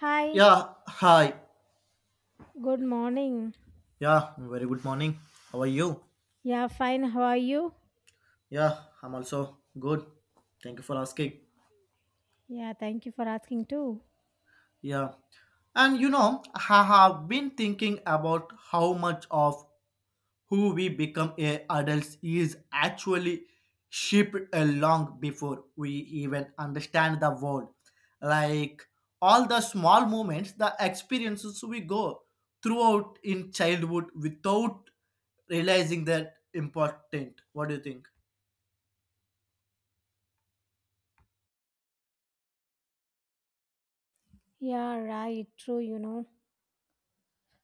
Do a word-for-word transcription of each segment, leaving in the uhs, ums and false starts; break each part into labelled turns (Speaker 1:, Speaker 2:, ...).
Speaker 1: Hi,
Speaker 2: Yeah, hi.
Speaker 1: good morning.
Speaker 2: Yeah, very good morning. How are you?
Speaker 1: Yeah, fine. How are you?
Speaker 2: Yeah, I'm also good. Thank you for asking.
Speaker 1: Yeah, thank you for asking too.
Speaker 2: Yeah. And you know, I have been thinking about how much of who we become as adults is actually shaped along before we even understand the world. Like all the small moments, the experiences we go throughout in childhood without realizing that important. What do you think?
Speaker 1: Yeah, right. True, you know.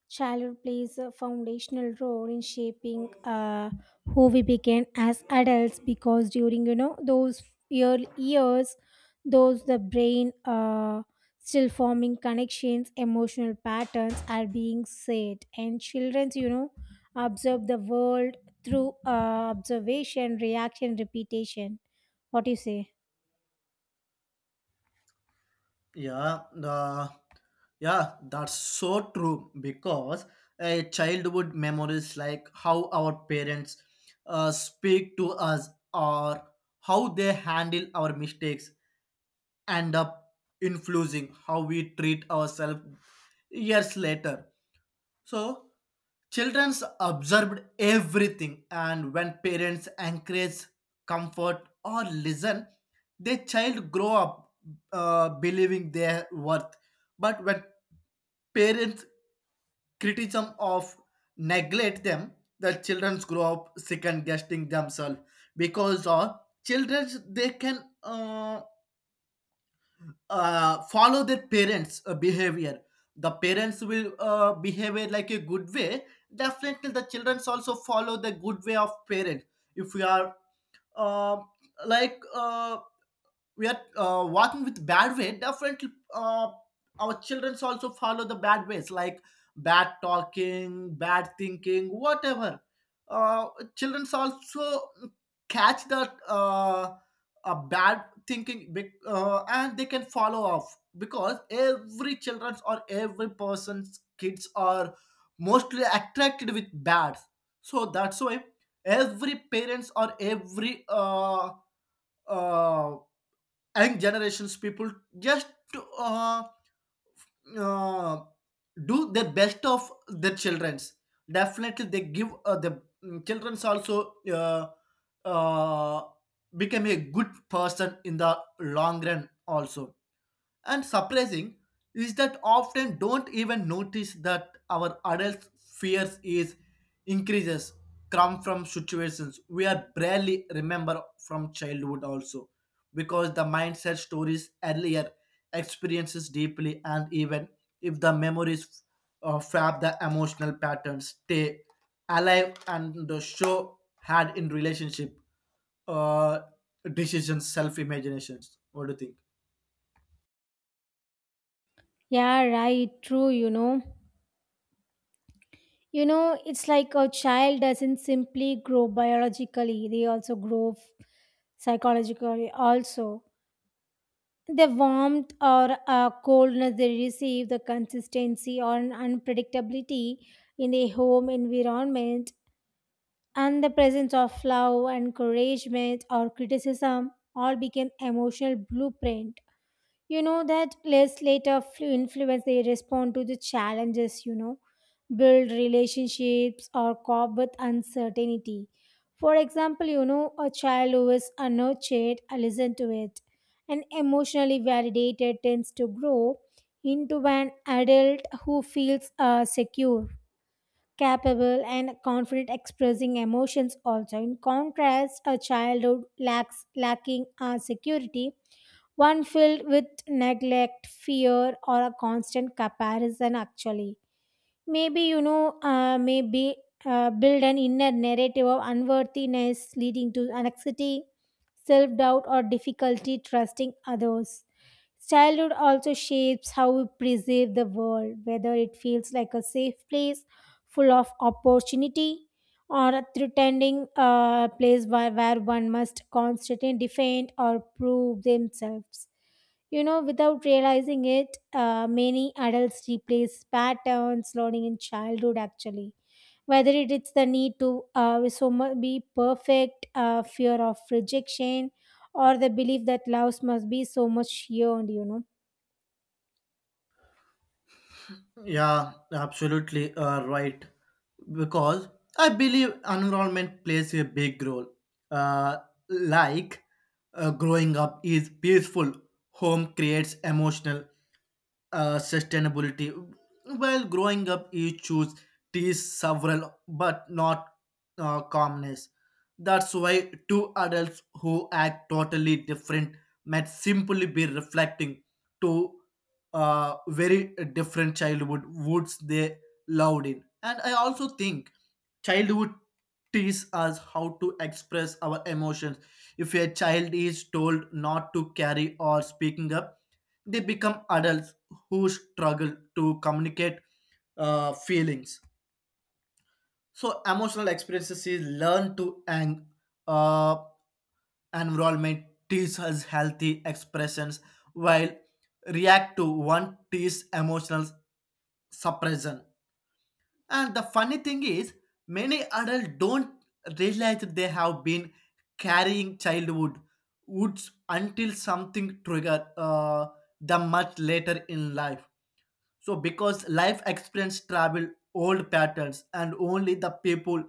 Speaker 1: Childhood plays a foundational role in shaping uh, who we became as adults because during you know those early years, those the brain uh, still forming connections, emotional patterns are being set, and childrens you know observe the world through uh, observation, reaction, repetition. What do you say?
Speaker 2: Yeah, the yeah, that's so true because a childhood memories like how our parents uh, speak to us or how they handle our mistakes end up influencing how we treat ourselves years later. So childrens observed everything, and when parents encourage, comfort, or listen, the child grow up uh, believing their worth. But when parents' criticism of neglect them, the children grow up second guessing themselves because of children they can uh, uh, follow their parents' uh, behavior. The parents will uh, behave it like a good way. Definitely, the children also follow the good way of parent. If we are uh, like uh, we are uh, walking with bad way, definitely uh, our children also follow the bad ways, like bad talking, bad thinking, whatever, uh, children also catch that, uh, a bad thinking, bec- uh, and they can follow off because every children's or every person's kids are mostly attracted with bad. So that's why every parents or every uh, uh, and generations people just to, uh, uh, do the best of their children's. Definitely they give uh, the mm, children's also uh, uh, become a good person in the long run also. And surprising is that often don't even notice that our adult fears is increases come from situations we are barely remember from childhood also, because the mindset stories earlier experiences deeply. And even if the memories uh, fab the emotional patterns stay alive and the show had in relationship uh, decisions self imaginations. What do you think?
Speaker 1: Yeah, right. True. You know. You know, it's like a child doesn't simply grow biologically, they also grow f- psychologically, also. The warmth or uh, coldness they receive, the consistency or an unpredictability in their home environment, and the presence of love, encouragement, or criticism all become emotional blueprint you know that less later flu influence they respond to the challenges, you know, build relationships or cope with uncertainty. For example, you know, a child who is unnurtured uh, listen to it and emotionally validated tends to grow into an adult who feels uh, secure, capable and confident expressing emotions also. In contrast, a childhood lacks lacking uh, security, one filled with neglect, fear, or a constant comparison, actually. Maybe, you know, uh, maybe uh, build an inner narrative of unworthiness leading to anxiety, self doubt, or difficulty trusting others. Childhood also shapes how we perceive the world, whether it feels like a safe place full of opportunity or a threatening uh, place where, where one must constantly defend or prove themselves. You know, without realizing it, uh, many adults replace patterns learning in childhood actually. Whether it is the need to uh, so mu- be perfect, uh, fear of rejection, or the belief that love must be so much earned, you know.
Speaker 2: Yeah, absolutely uh, right. Because I believe environment plays a big role. Uh, like uh, growing up is peaceful, home creates emotional uh, sustainability. While growing up, you choose teas several, but not uh, calmness. That's why two adults who act totally different might simply be reflecting to uh, very different childhood woods they loved in. And I also think childhood teaches us how to express our emotions. If a child is told not to carry or speaking up, they become adults who struggle to communicate uh, feelings. So emotional experiences is learn to ang- uh, environment teach us healthy expressions, while react to one teach emotional suppression. And the funny thing is, many adults don't realize they have been carrying childhood woods until something trigger uh, them much later in life. So, because life experience travel old patterns, and only the people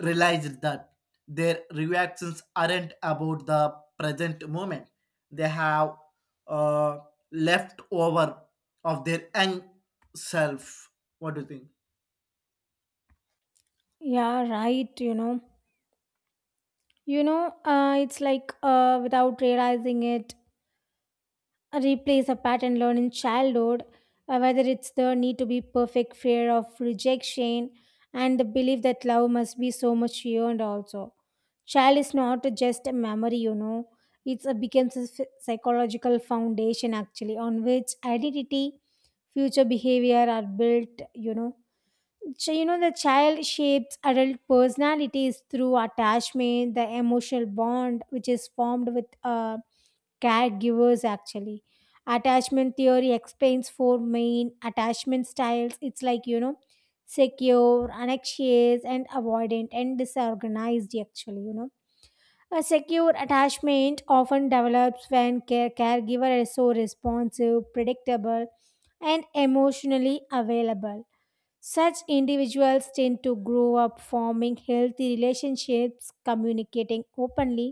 Speaker 2: realize that their reactions aren't about the present moment. They have uh, left over of their young self. What do you think?
Speaker 1: Yeah, right, you know. You know, uh, it's like uh, without realizing it, replays a pattern learned in childhood, uh, whether it's the need to be perfect, fear of rejection, and the belief that love must be so much earned also. Child is not just a memory, you know. It's a becomes a ph- psychological foundation actually on which identity, future behavior are built, you know. So, you know, the child shapes adult personalities through attachment, the emotional bond which is formed with um caregivers actually. Attachment theory explains four main attachment styles, it's like, you know, secure, anxious and avoidant and disorganized actually, you know. A secure attachment often develops when care- caregiver is so responsive, predictable and emotionally available. Such individuals tend to grow up forming healthy relationships, communicating openly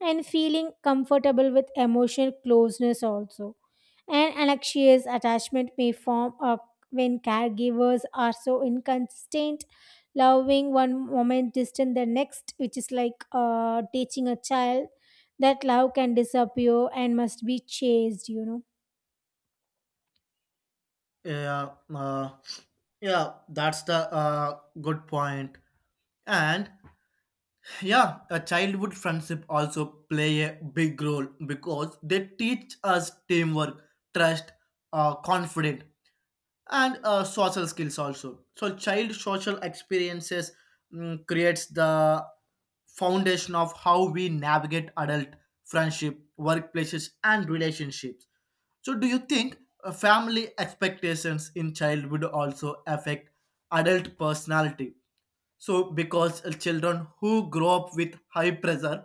Speaker 1: and feeling comfortable with emotional closeness also. An anxious attachment may form up when caregivers are so inconsistent, loving one moment, distant the next, which is like uh, teaching a child that love can disappear and must be chased, you know.
Speaker 2: Yeah, uh, yeah, that's the uh, good point. And yeah, a childhood friendship also play a big role because they teach us teamwork, trust, uh, confidence, and uh, social skills also. So child social experiences mm, creates the foundation of how we navigate adult friendship, workplaces, and relationships. So do you think uh, family expectations in childhood also affect adult personality? So, because children who grow up with high pressure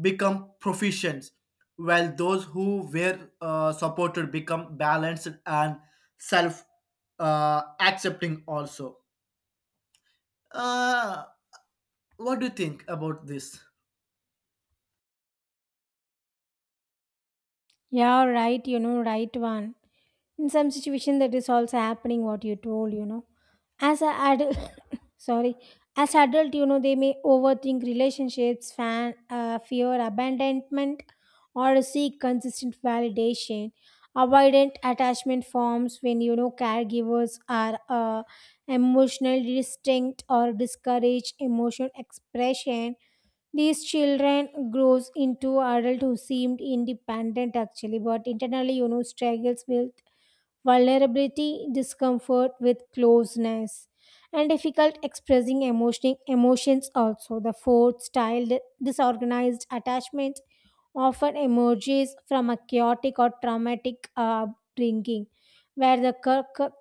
Speaker 2: become proficient, while those who were uh, supported become balanced and self uh, accepting, also. Uh, what do you think about this?
Speaker 1: Yeah, right, you know, right one. In some situation that is also happening what you told, you know. As a adult sorry, as adult, you know, they may overthink relationships, fan, uh, fear abandonment or seek consistent validation. Avoidant attachment forms when, you know, caregivers are uh, emotionally distinct or discourage emotional expression. These children grows into adult who seemed independent actually, but internally, you know, struggles with vulnerability, discomfort with closeness, and difficult expressing emotion, emotions also. The fourth style, di- disorganized attachment, often emerges from a chaotic or traumatic uh, upbringing, where the cur- cur-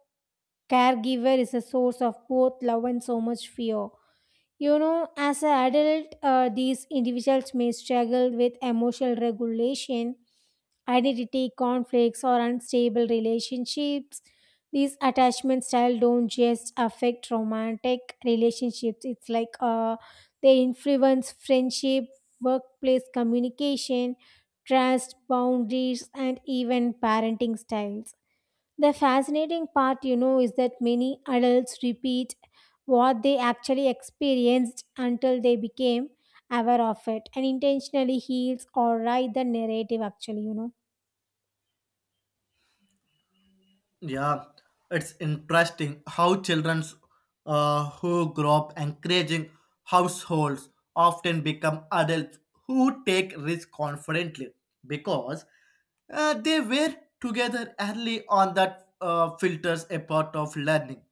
Speaker 1: caregiver is a source of both love and so much fear. You know, as an adult, uh, these individuals may struggle with emotional regulation, identity conflicts, or unstable relationships. These attachment style don't just affect romantic relationships. It's like uh, they influence friendship, workplace communication, trust, boundaries, and even parenting styles. The fascinating part, you know, is that many adults repeat what they actually experienced until they became aware of it and intentionally heals or write the narrative, actually, you know.
Speaker 2: Yeah, it's interesting how children uh, who grow up encouraging households often become adults who take risks confidently, because uh, they were together early on. That uh, filters a part of learning.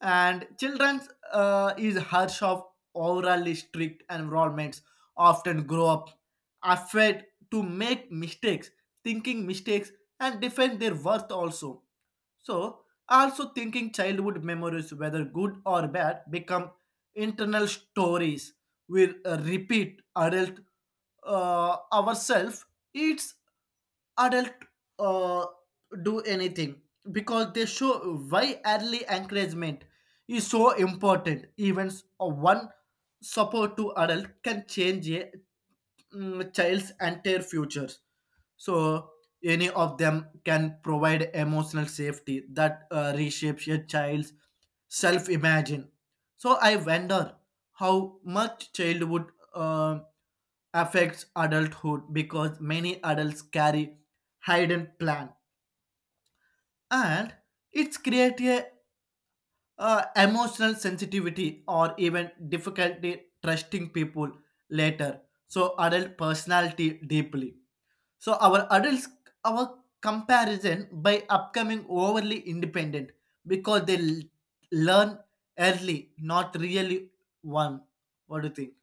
Speaker 2: And children's uh, is harsh of overly strict environments often grow up afraid to make mistakes, thinking mistakes and defend their worth also. So also thinking childhood memories, whether good or bad, become internal stories we uh, repeat adult uh, ourselves. It's adult uh, do anything, because they show why early encouragement is so important. Events of one support to adult can change a mm, child's entire futures. So any of them can provide emotional safety that uh, reshapes a child's self imagine. So I wonder how much childhood uh, affects adulthood, because many adults carry hidden plan, and it's create a uh, emotional sensitivity or even difficulty trusting people later. So adult personality deeply, so our adults, our comparison by upcoming overly independent because they l- learn early, not really one. What do you think?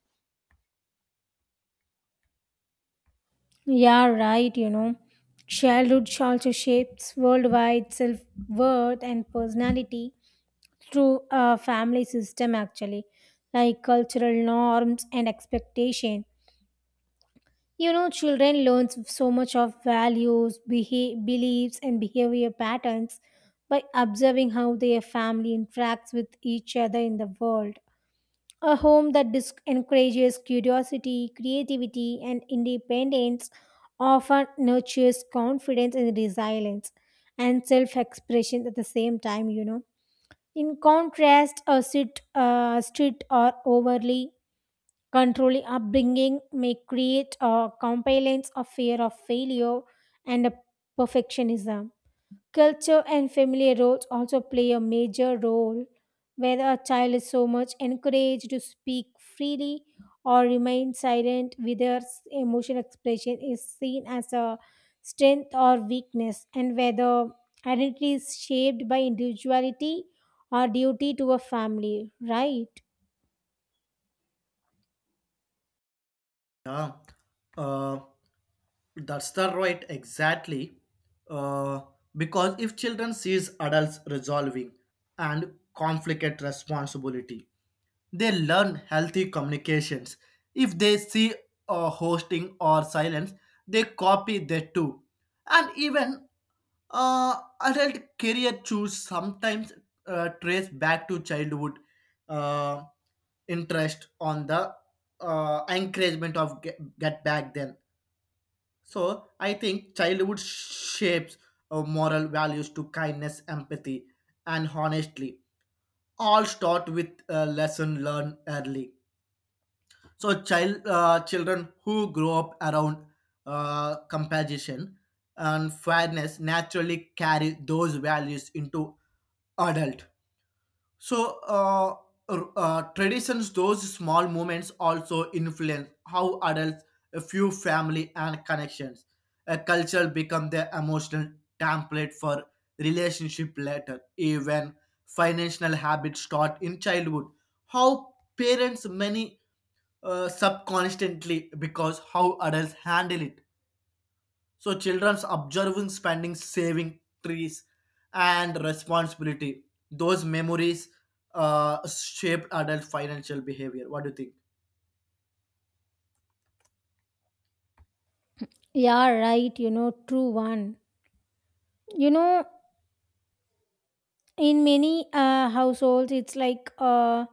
Speaker 1: Yeah, right, you know. Childhood also shapes worldwide self worth and personality through a family system, actually, like cultural norms and expectation. You know, children learn so much of values, beha- beliefs, and behavior patterns by observing how their family interacts with each other in the world. A home that dis- encourages curiosity, creativity, and independence often nurtures confidence and resilience and self expression at the same time, you know. In contrast, a strict, uh, strict or overly controlling upbringing may create a compliance of fear of failure and a perfectionism. Culture and family roles also play a major role, whether a child is so much encouraged to speak freely or remain silent, whether s- emotional expression is seen as a strength or weakness, and whether identity is shaped by individuality or duty to a family, right?
Speaker 2: Yeah. Uh, That's the right, exactly. Uh, because if children sees adults resolving and conflict at responsibility, they learn healthy communications. If they see uh, hosting or silence, they copy that too. And even uh, adult career choose sometimes uh, trace back to childhood uh, interest on the uh, encouragement of get, get back then. So I think childhood shapes uh, moral values to kindness, empathy, and honestly. All start with a lesson learned early. So child uh, children who grow up around uh, compassion and fairness naturally carry those values into adult. So, uh, r- uh, traditions, those small moments also influence how adults view family and connections. A culture become their emotional template for relationship later. Even financial habits start in childhood. How parents many uh, subconsciously, because how adults handle it, so children's observing, spending, saving trees, and responsibility. Those memories uh, shaped adult financial behavior. What do you think?
Speaker 1: Yeah, right, you know, true one. You know, in many uh, households it's like uh,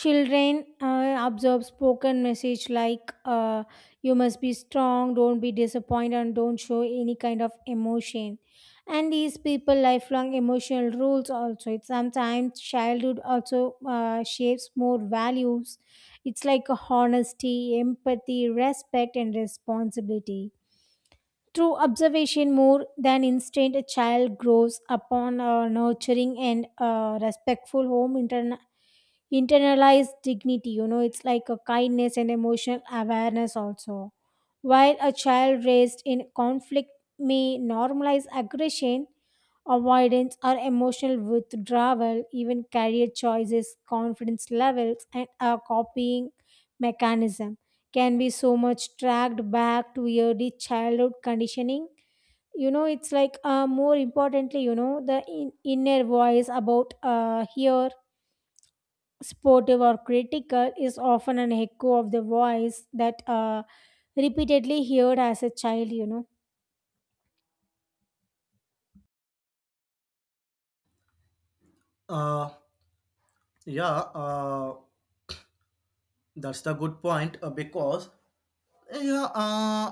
Speaker 1: children uh, observe spoken message like uh, you must be strong, don't be disappointed and don't show any kind of emotion, and these people lifelong emotional rules also. It's sometimes childhood also uh, shapes more values, it's like honesty, empathy, respect and responsibility. Through observation more than instinct, a child grows upon a nurturing and uh, respectful home, interna- internalized dignity, you know, it's like a kindness and emotional awareness also, while a child raised in conflict may normalize aggression, avoidance or emotional withdrawal. Even career choices, confidence levels and a copying mechanism can be so much tracked back to early childhood conditioning, you know. It's like, uh, more importantly, you know, the in- inner voice about uh, here, supportive or critical, is often an echo of the voice that uh, repeatedly heard as a child, you know.
Speaker 2: Uh, yeah, uh, that's the good point uh, because yeah, uh,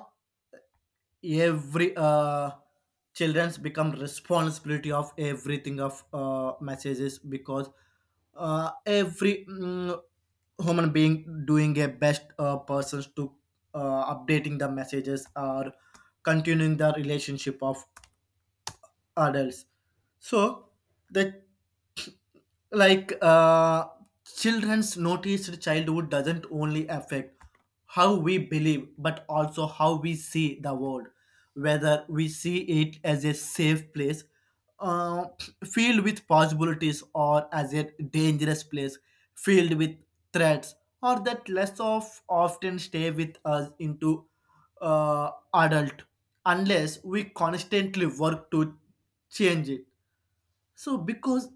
Speaker 2: every uh, children's become responsibility of everything of uh, messages, because uh, every mm, human being doing a best uh, persons to uh, updating the messages or continuing the relationship of adults. So the like uh, children's noticed childhood doesn't only affect how we believe, but also how we see the world, whether we see it as a safe place uh, filled with possibilities or as a dangerous place filled with threats, or that less of often stay with us into uh, adult unless we constantly work to change it. So because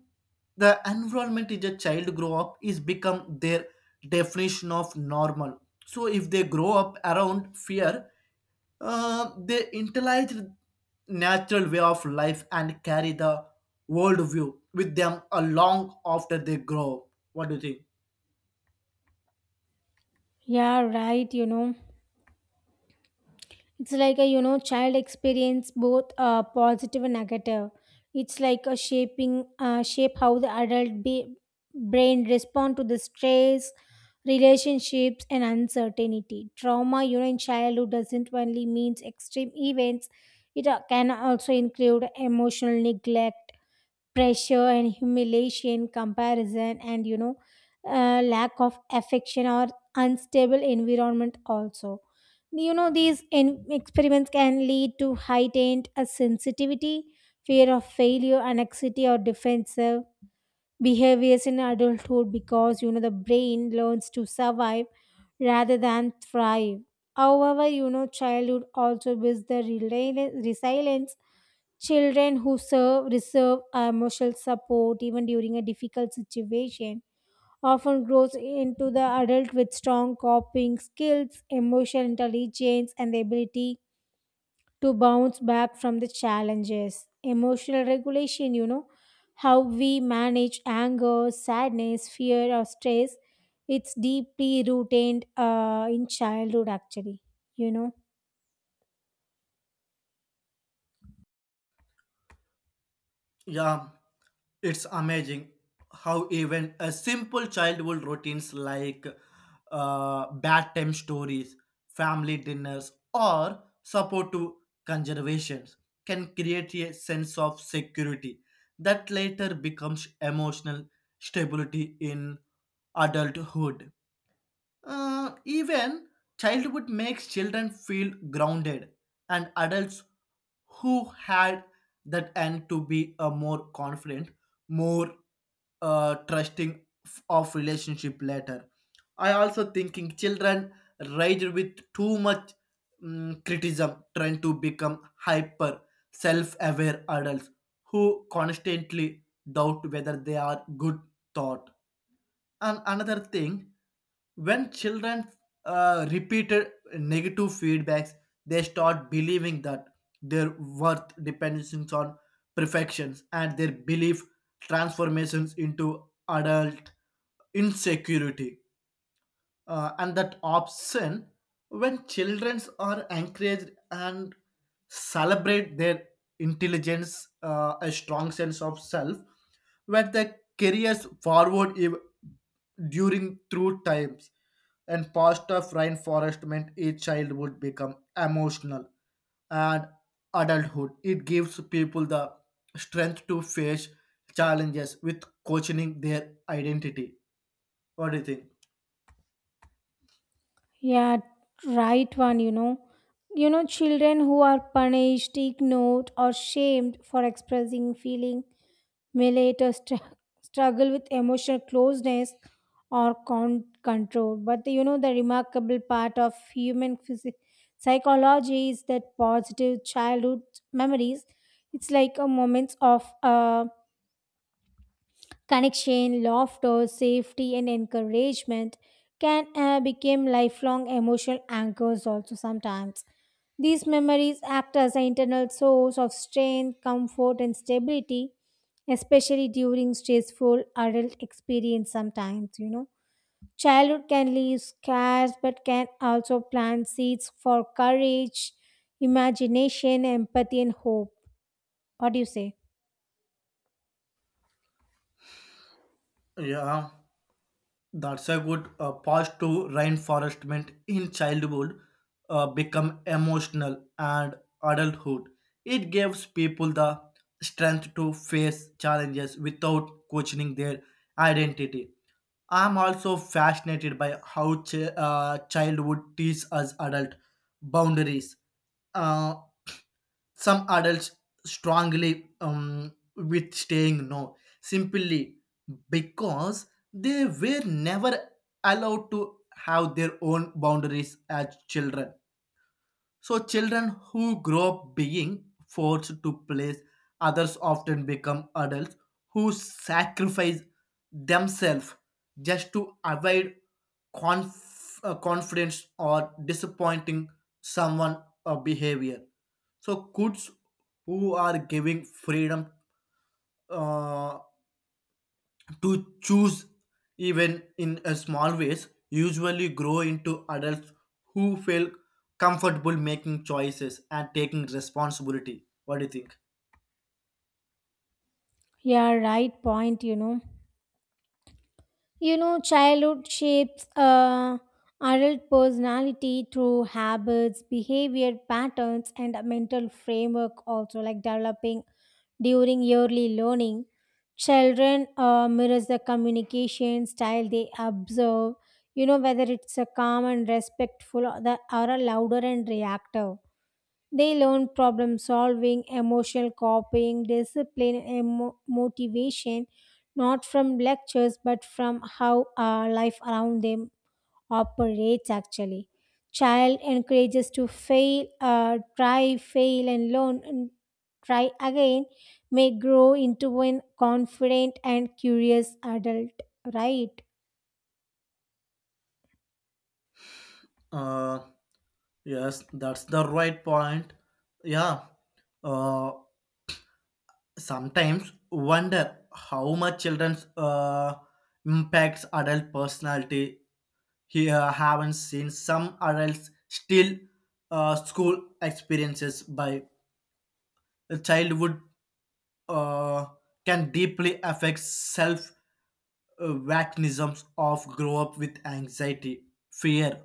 Speaker 2: the environment is a child grow up is become their definition of normal, so if they grow up around fear, uh, they internalize natural way of life and carry the worldview with them along after they grow. What do you think?
Speaker 1: Yeah, right, you know. It's like a, you know, child experience both uh, positive and negative. It's like a shaping, uh, shape how the adult be, brain respond to the stress, relationships, and uncertainty. Trauma, you know, in childhood doesn't only means extreme events. It uh, can also include emotional neglect, pressure and humiliation, comparison, and, you know, uh, lack of affection or unstable environment also. You know, these in- experiments can lead to heightened uh, sensitivity, fear of failure, anxiety, or defensive behaviors in adulthood, because, you know, the brain learns to survive rather than thrive. However, you know, childhood also builds the rela- resilience. Children who serve, reserve emotional support even during a difficult situation often grows into the adult with strong coping skills, emotional intelligence, and the ability to bounce back from the challenges. Emotional regulation, you know, how we manage anger, sadness, fear, or stress, it's deeply rooted uh, in childhood, actually, you know.
Speaker 2: Yeah, it's amazing how even a simple childhood routines like uh, bedtime stories, family dinners, or support to conservations can create a sense of security that later becomes emotional stability in adulthood. Uh, even childhood makes children feel grounded, and adults who had that end to be a more confident, more uh, trusting f- of relationship later. I also thinking children raised with too much mm, criticism trying to become hyper self-aware adults who constantly doubt whether they are good thought. And another thing, when children uh, repeated negative feedbacks, they start believing that their worth depends on perfections, and their belief transformations into adult insecurity uh, and that option. When children are encouraged and celebrate their intelligence, uh, a strong sense of self where they carry us forward ev- during through times. And past of reinforcement each child would become emotional, and adulthood it gives people the strength to face challenges with questioning their identity. What do you think?
Speaker 1: Yeah, right one, you know. You know, children who are punished, ignored, or shamed for expressing feeling may later str- struggle with emotional closeness or con- control. But, you know, the remarkable part of human physi- psychology is that positive childhood memories, it's like a moments of uh, connection, laughter, safety, and encouragement, can uh, become lifelong emotional anchors also sometimes. These memories act as an internal source of strength, comfort, and stability, especially during stressful adult experience sometimes, you know. Childhood can leave scars but can also plant seeds for courage, imagination, empathy, and hope. What do you say?
Speaker 2: Yeah, that's a good uh, pause to reinforcement in childhood uh, become emotional and adulthood. It gives people the strength to face challenges without questioning their identity. I'm also fascinated by how ch- uh, childhood teaches us adult boundaries. Uh, some adults strongly um, with staying no, simply because they were never allowed to have their own boundaries as children. So children who grow up being forced to place others often become adults who sacrifice themselves just to avoid conf- uh, confidence or disappointing someone or behavior. So kids who are giving freedom uh, to choose even in a small ways usually grow into adults who feel comfortable making choices and taking responsibility. What do you think?
Speaker 1: Yeah, right point, you know. You know, childhood shapes uh, adult personality through habits, behavior patterns, and a mental framework, also like developing during yearly learning. Children uh, mirrors the communication style they observe, you know, whether it's a calm and respectful, or, the, or a louder and reactive. They learn problem solving, emotional coping, discipline, and mo- motivation, not from lectures but from how uh, life around them operates actually. Child encourages to fail, uh, try, fail, and learn, and try again, may grow into an confident and curious adult, right?
Speaker 2: Uh yes, that's the right point. Yeah, uh sometimes wonder how much children's uh impacts adult personality. Here haven't seen some adults still uh, school experiences by childhood uh, can deeply affect self uh, mechanisms of grow up with anxiety, fear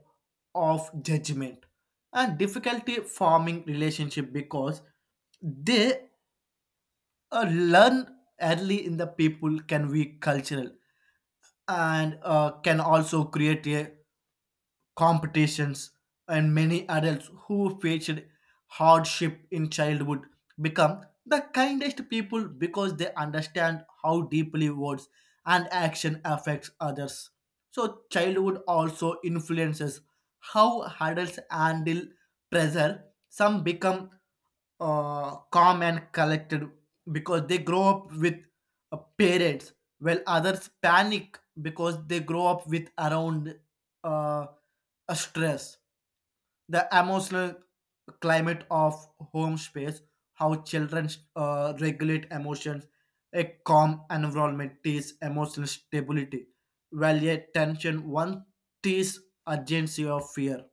Speaker 2: of judgment, and difficulty forming relationship, because they uh, learn early in the people can be cultural, and uh, can also create a competitions, and many adults who faced hardship in childhood become the kindest people because they understand how deeply words and action affects others. So childhood also influences how adults handle pressure. Some become uh, calm and collected because they grow up with uh, parents, while others panic because they grow up with around uh, a stress. The emotional climate of home space, how children uh, regulate emotions, a calm environment teaches emotional stability, while a tension one teaches urgency of fear.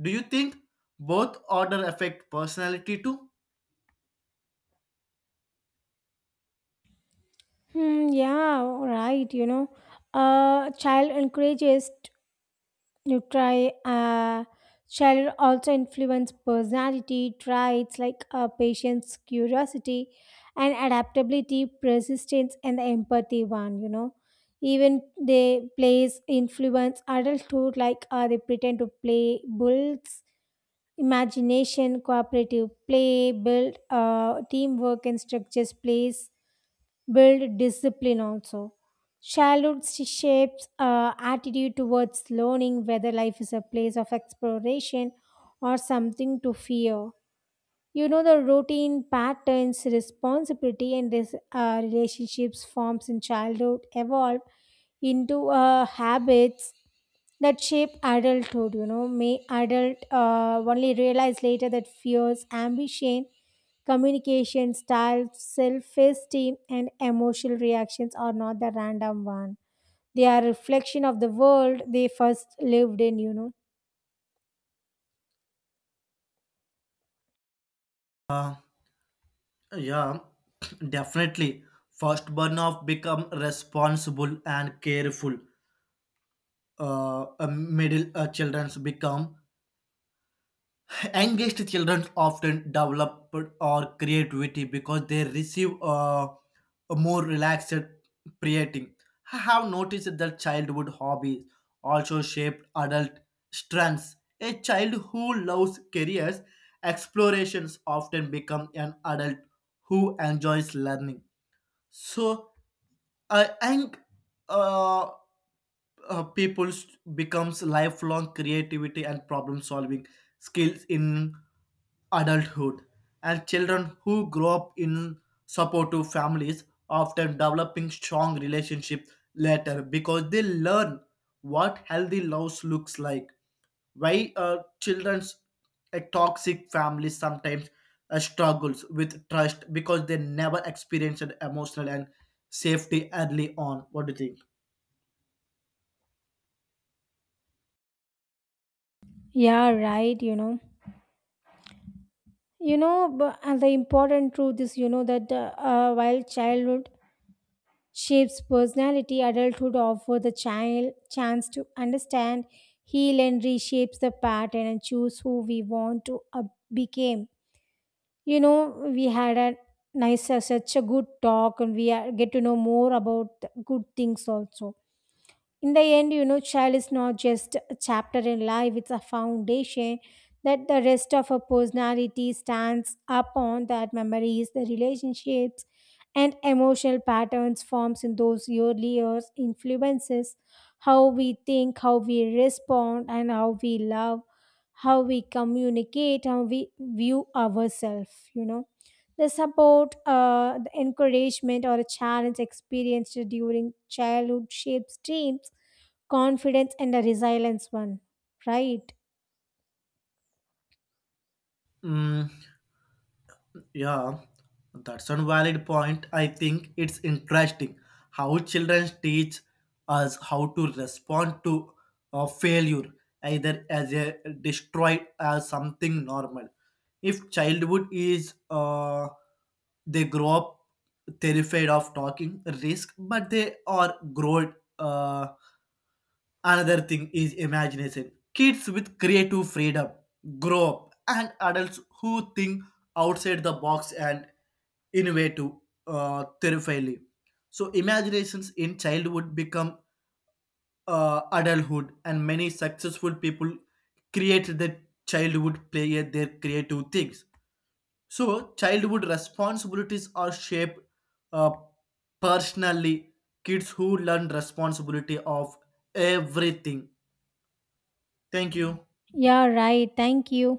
Speaker 2: Do you think both order affect personality too?
Speaker 1: Hmm, yeah, right. You know, uh, child encourages you try, uh, shall also influence personality traits like uh, patience, curiosity, and adaptability, persistence, and the empathy one, you know. Even they plays influence adulthood, like uh, they pretend to play builds imagination, cooperative play, build uh, teamwork and structures plays build discipline also. Childhood sh- shapes uh, attitude towards learning, whether life is a place of exploration or something to fear, you know. The routine patterns, responsibility and this uh, relationships forms in childhood evolve into uh, habits that shape adulthood, you know. May adult uh, only realize later that fears, ambition, communication style, self-esteem and emotional reactions are not the random one, they are reflection of the world they first lived in, you know.
Speaker 2: Yeah, definitely. First born of become responsible and careful. Uh, uh, middle uh, children's become engaged. Children often develop or creativity because they receive uh, a more relaxed parenting. I have noticed that childhood hobbies also shape adult strengths. A child who loves careers explorations often become an adult who enjoys learning. So I think uh, uh, people becomes lifelong creativity and problem solving skills in adulthood, and children who grow up in supportive families often developing strong relationship later because they learn what healthy love looks like. Why uh, children's a toxic family sometimes uh, struggles with trust because they never experienced emotional and safety early on? What do you think?
Speaker 1: Yeah, right, you know. You know, but, and the important truth is, you know, that uh, uh, while childhood shapes personality, adulthood offers the child chance to understand, heal and reshapes the pattern and choose who we want to uh, become, you know. We had a nice uh, such a good talk and we are, get to know more about the good things also. In the end, you know, child is not just a chapter in life, it's a foundation that the rest of her personality stands upon. That memories, the relationships and emotional patterns forms in those early years influences how we think, how we respond and how we love, how we communicate, how we view ourselves, you know. The support, uh, the encouragement, or a challenge experienced during childhood shapes dreams, confidence and a resilience one, right?
Speaker 2: Mm. Yeah, that's a valid point. I think it's interesting how children teach us how to respond to a failure, either as a destroyed as something normal. If childhood is uh, they grow up terrified of talking risk, but they are grown uh, another thing is imagination. Kids with creative freedom grow up, and adults who think outside the box and innovative uh, terrifyingly. So, imaginations in childhood become uh, adulthood, and many successful people create their childhood play at their creative things. So, childhood responsibilities are shaped uh, personally. Kids who learn responsibility of everything. Thank you.
Speaker 1: Yeah, right, thank you.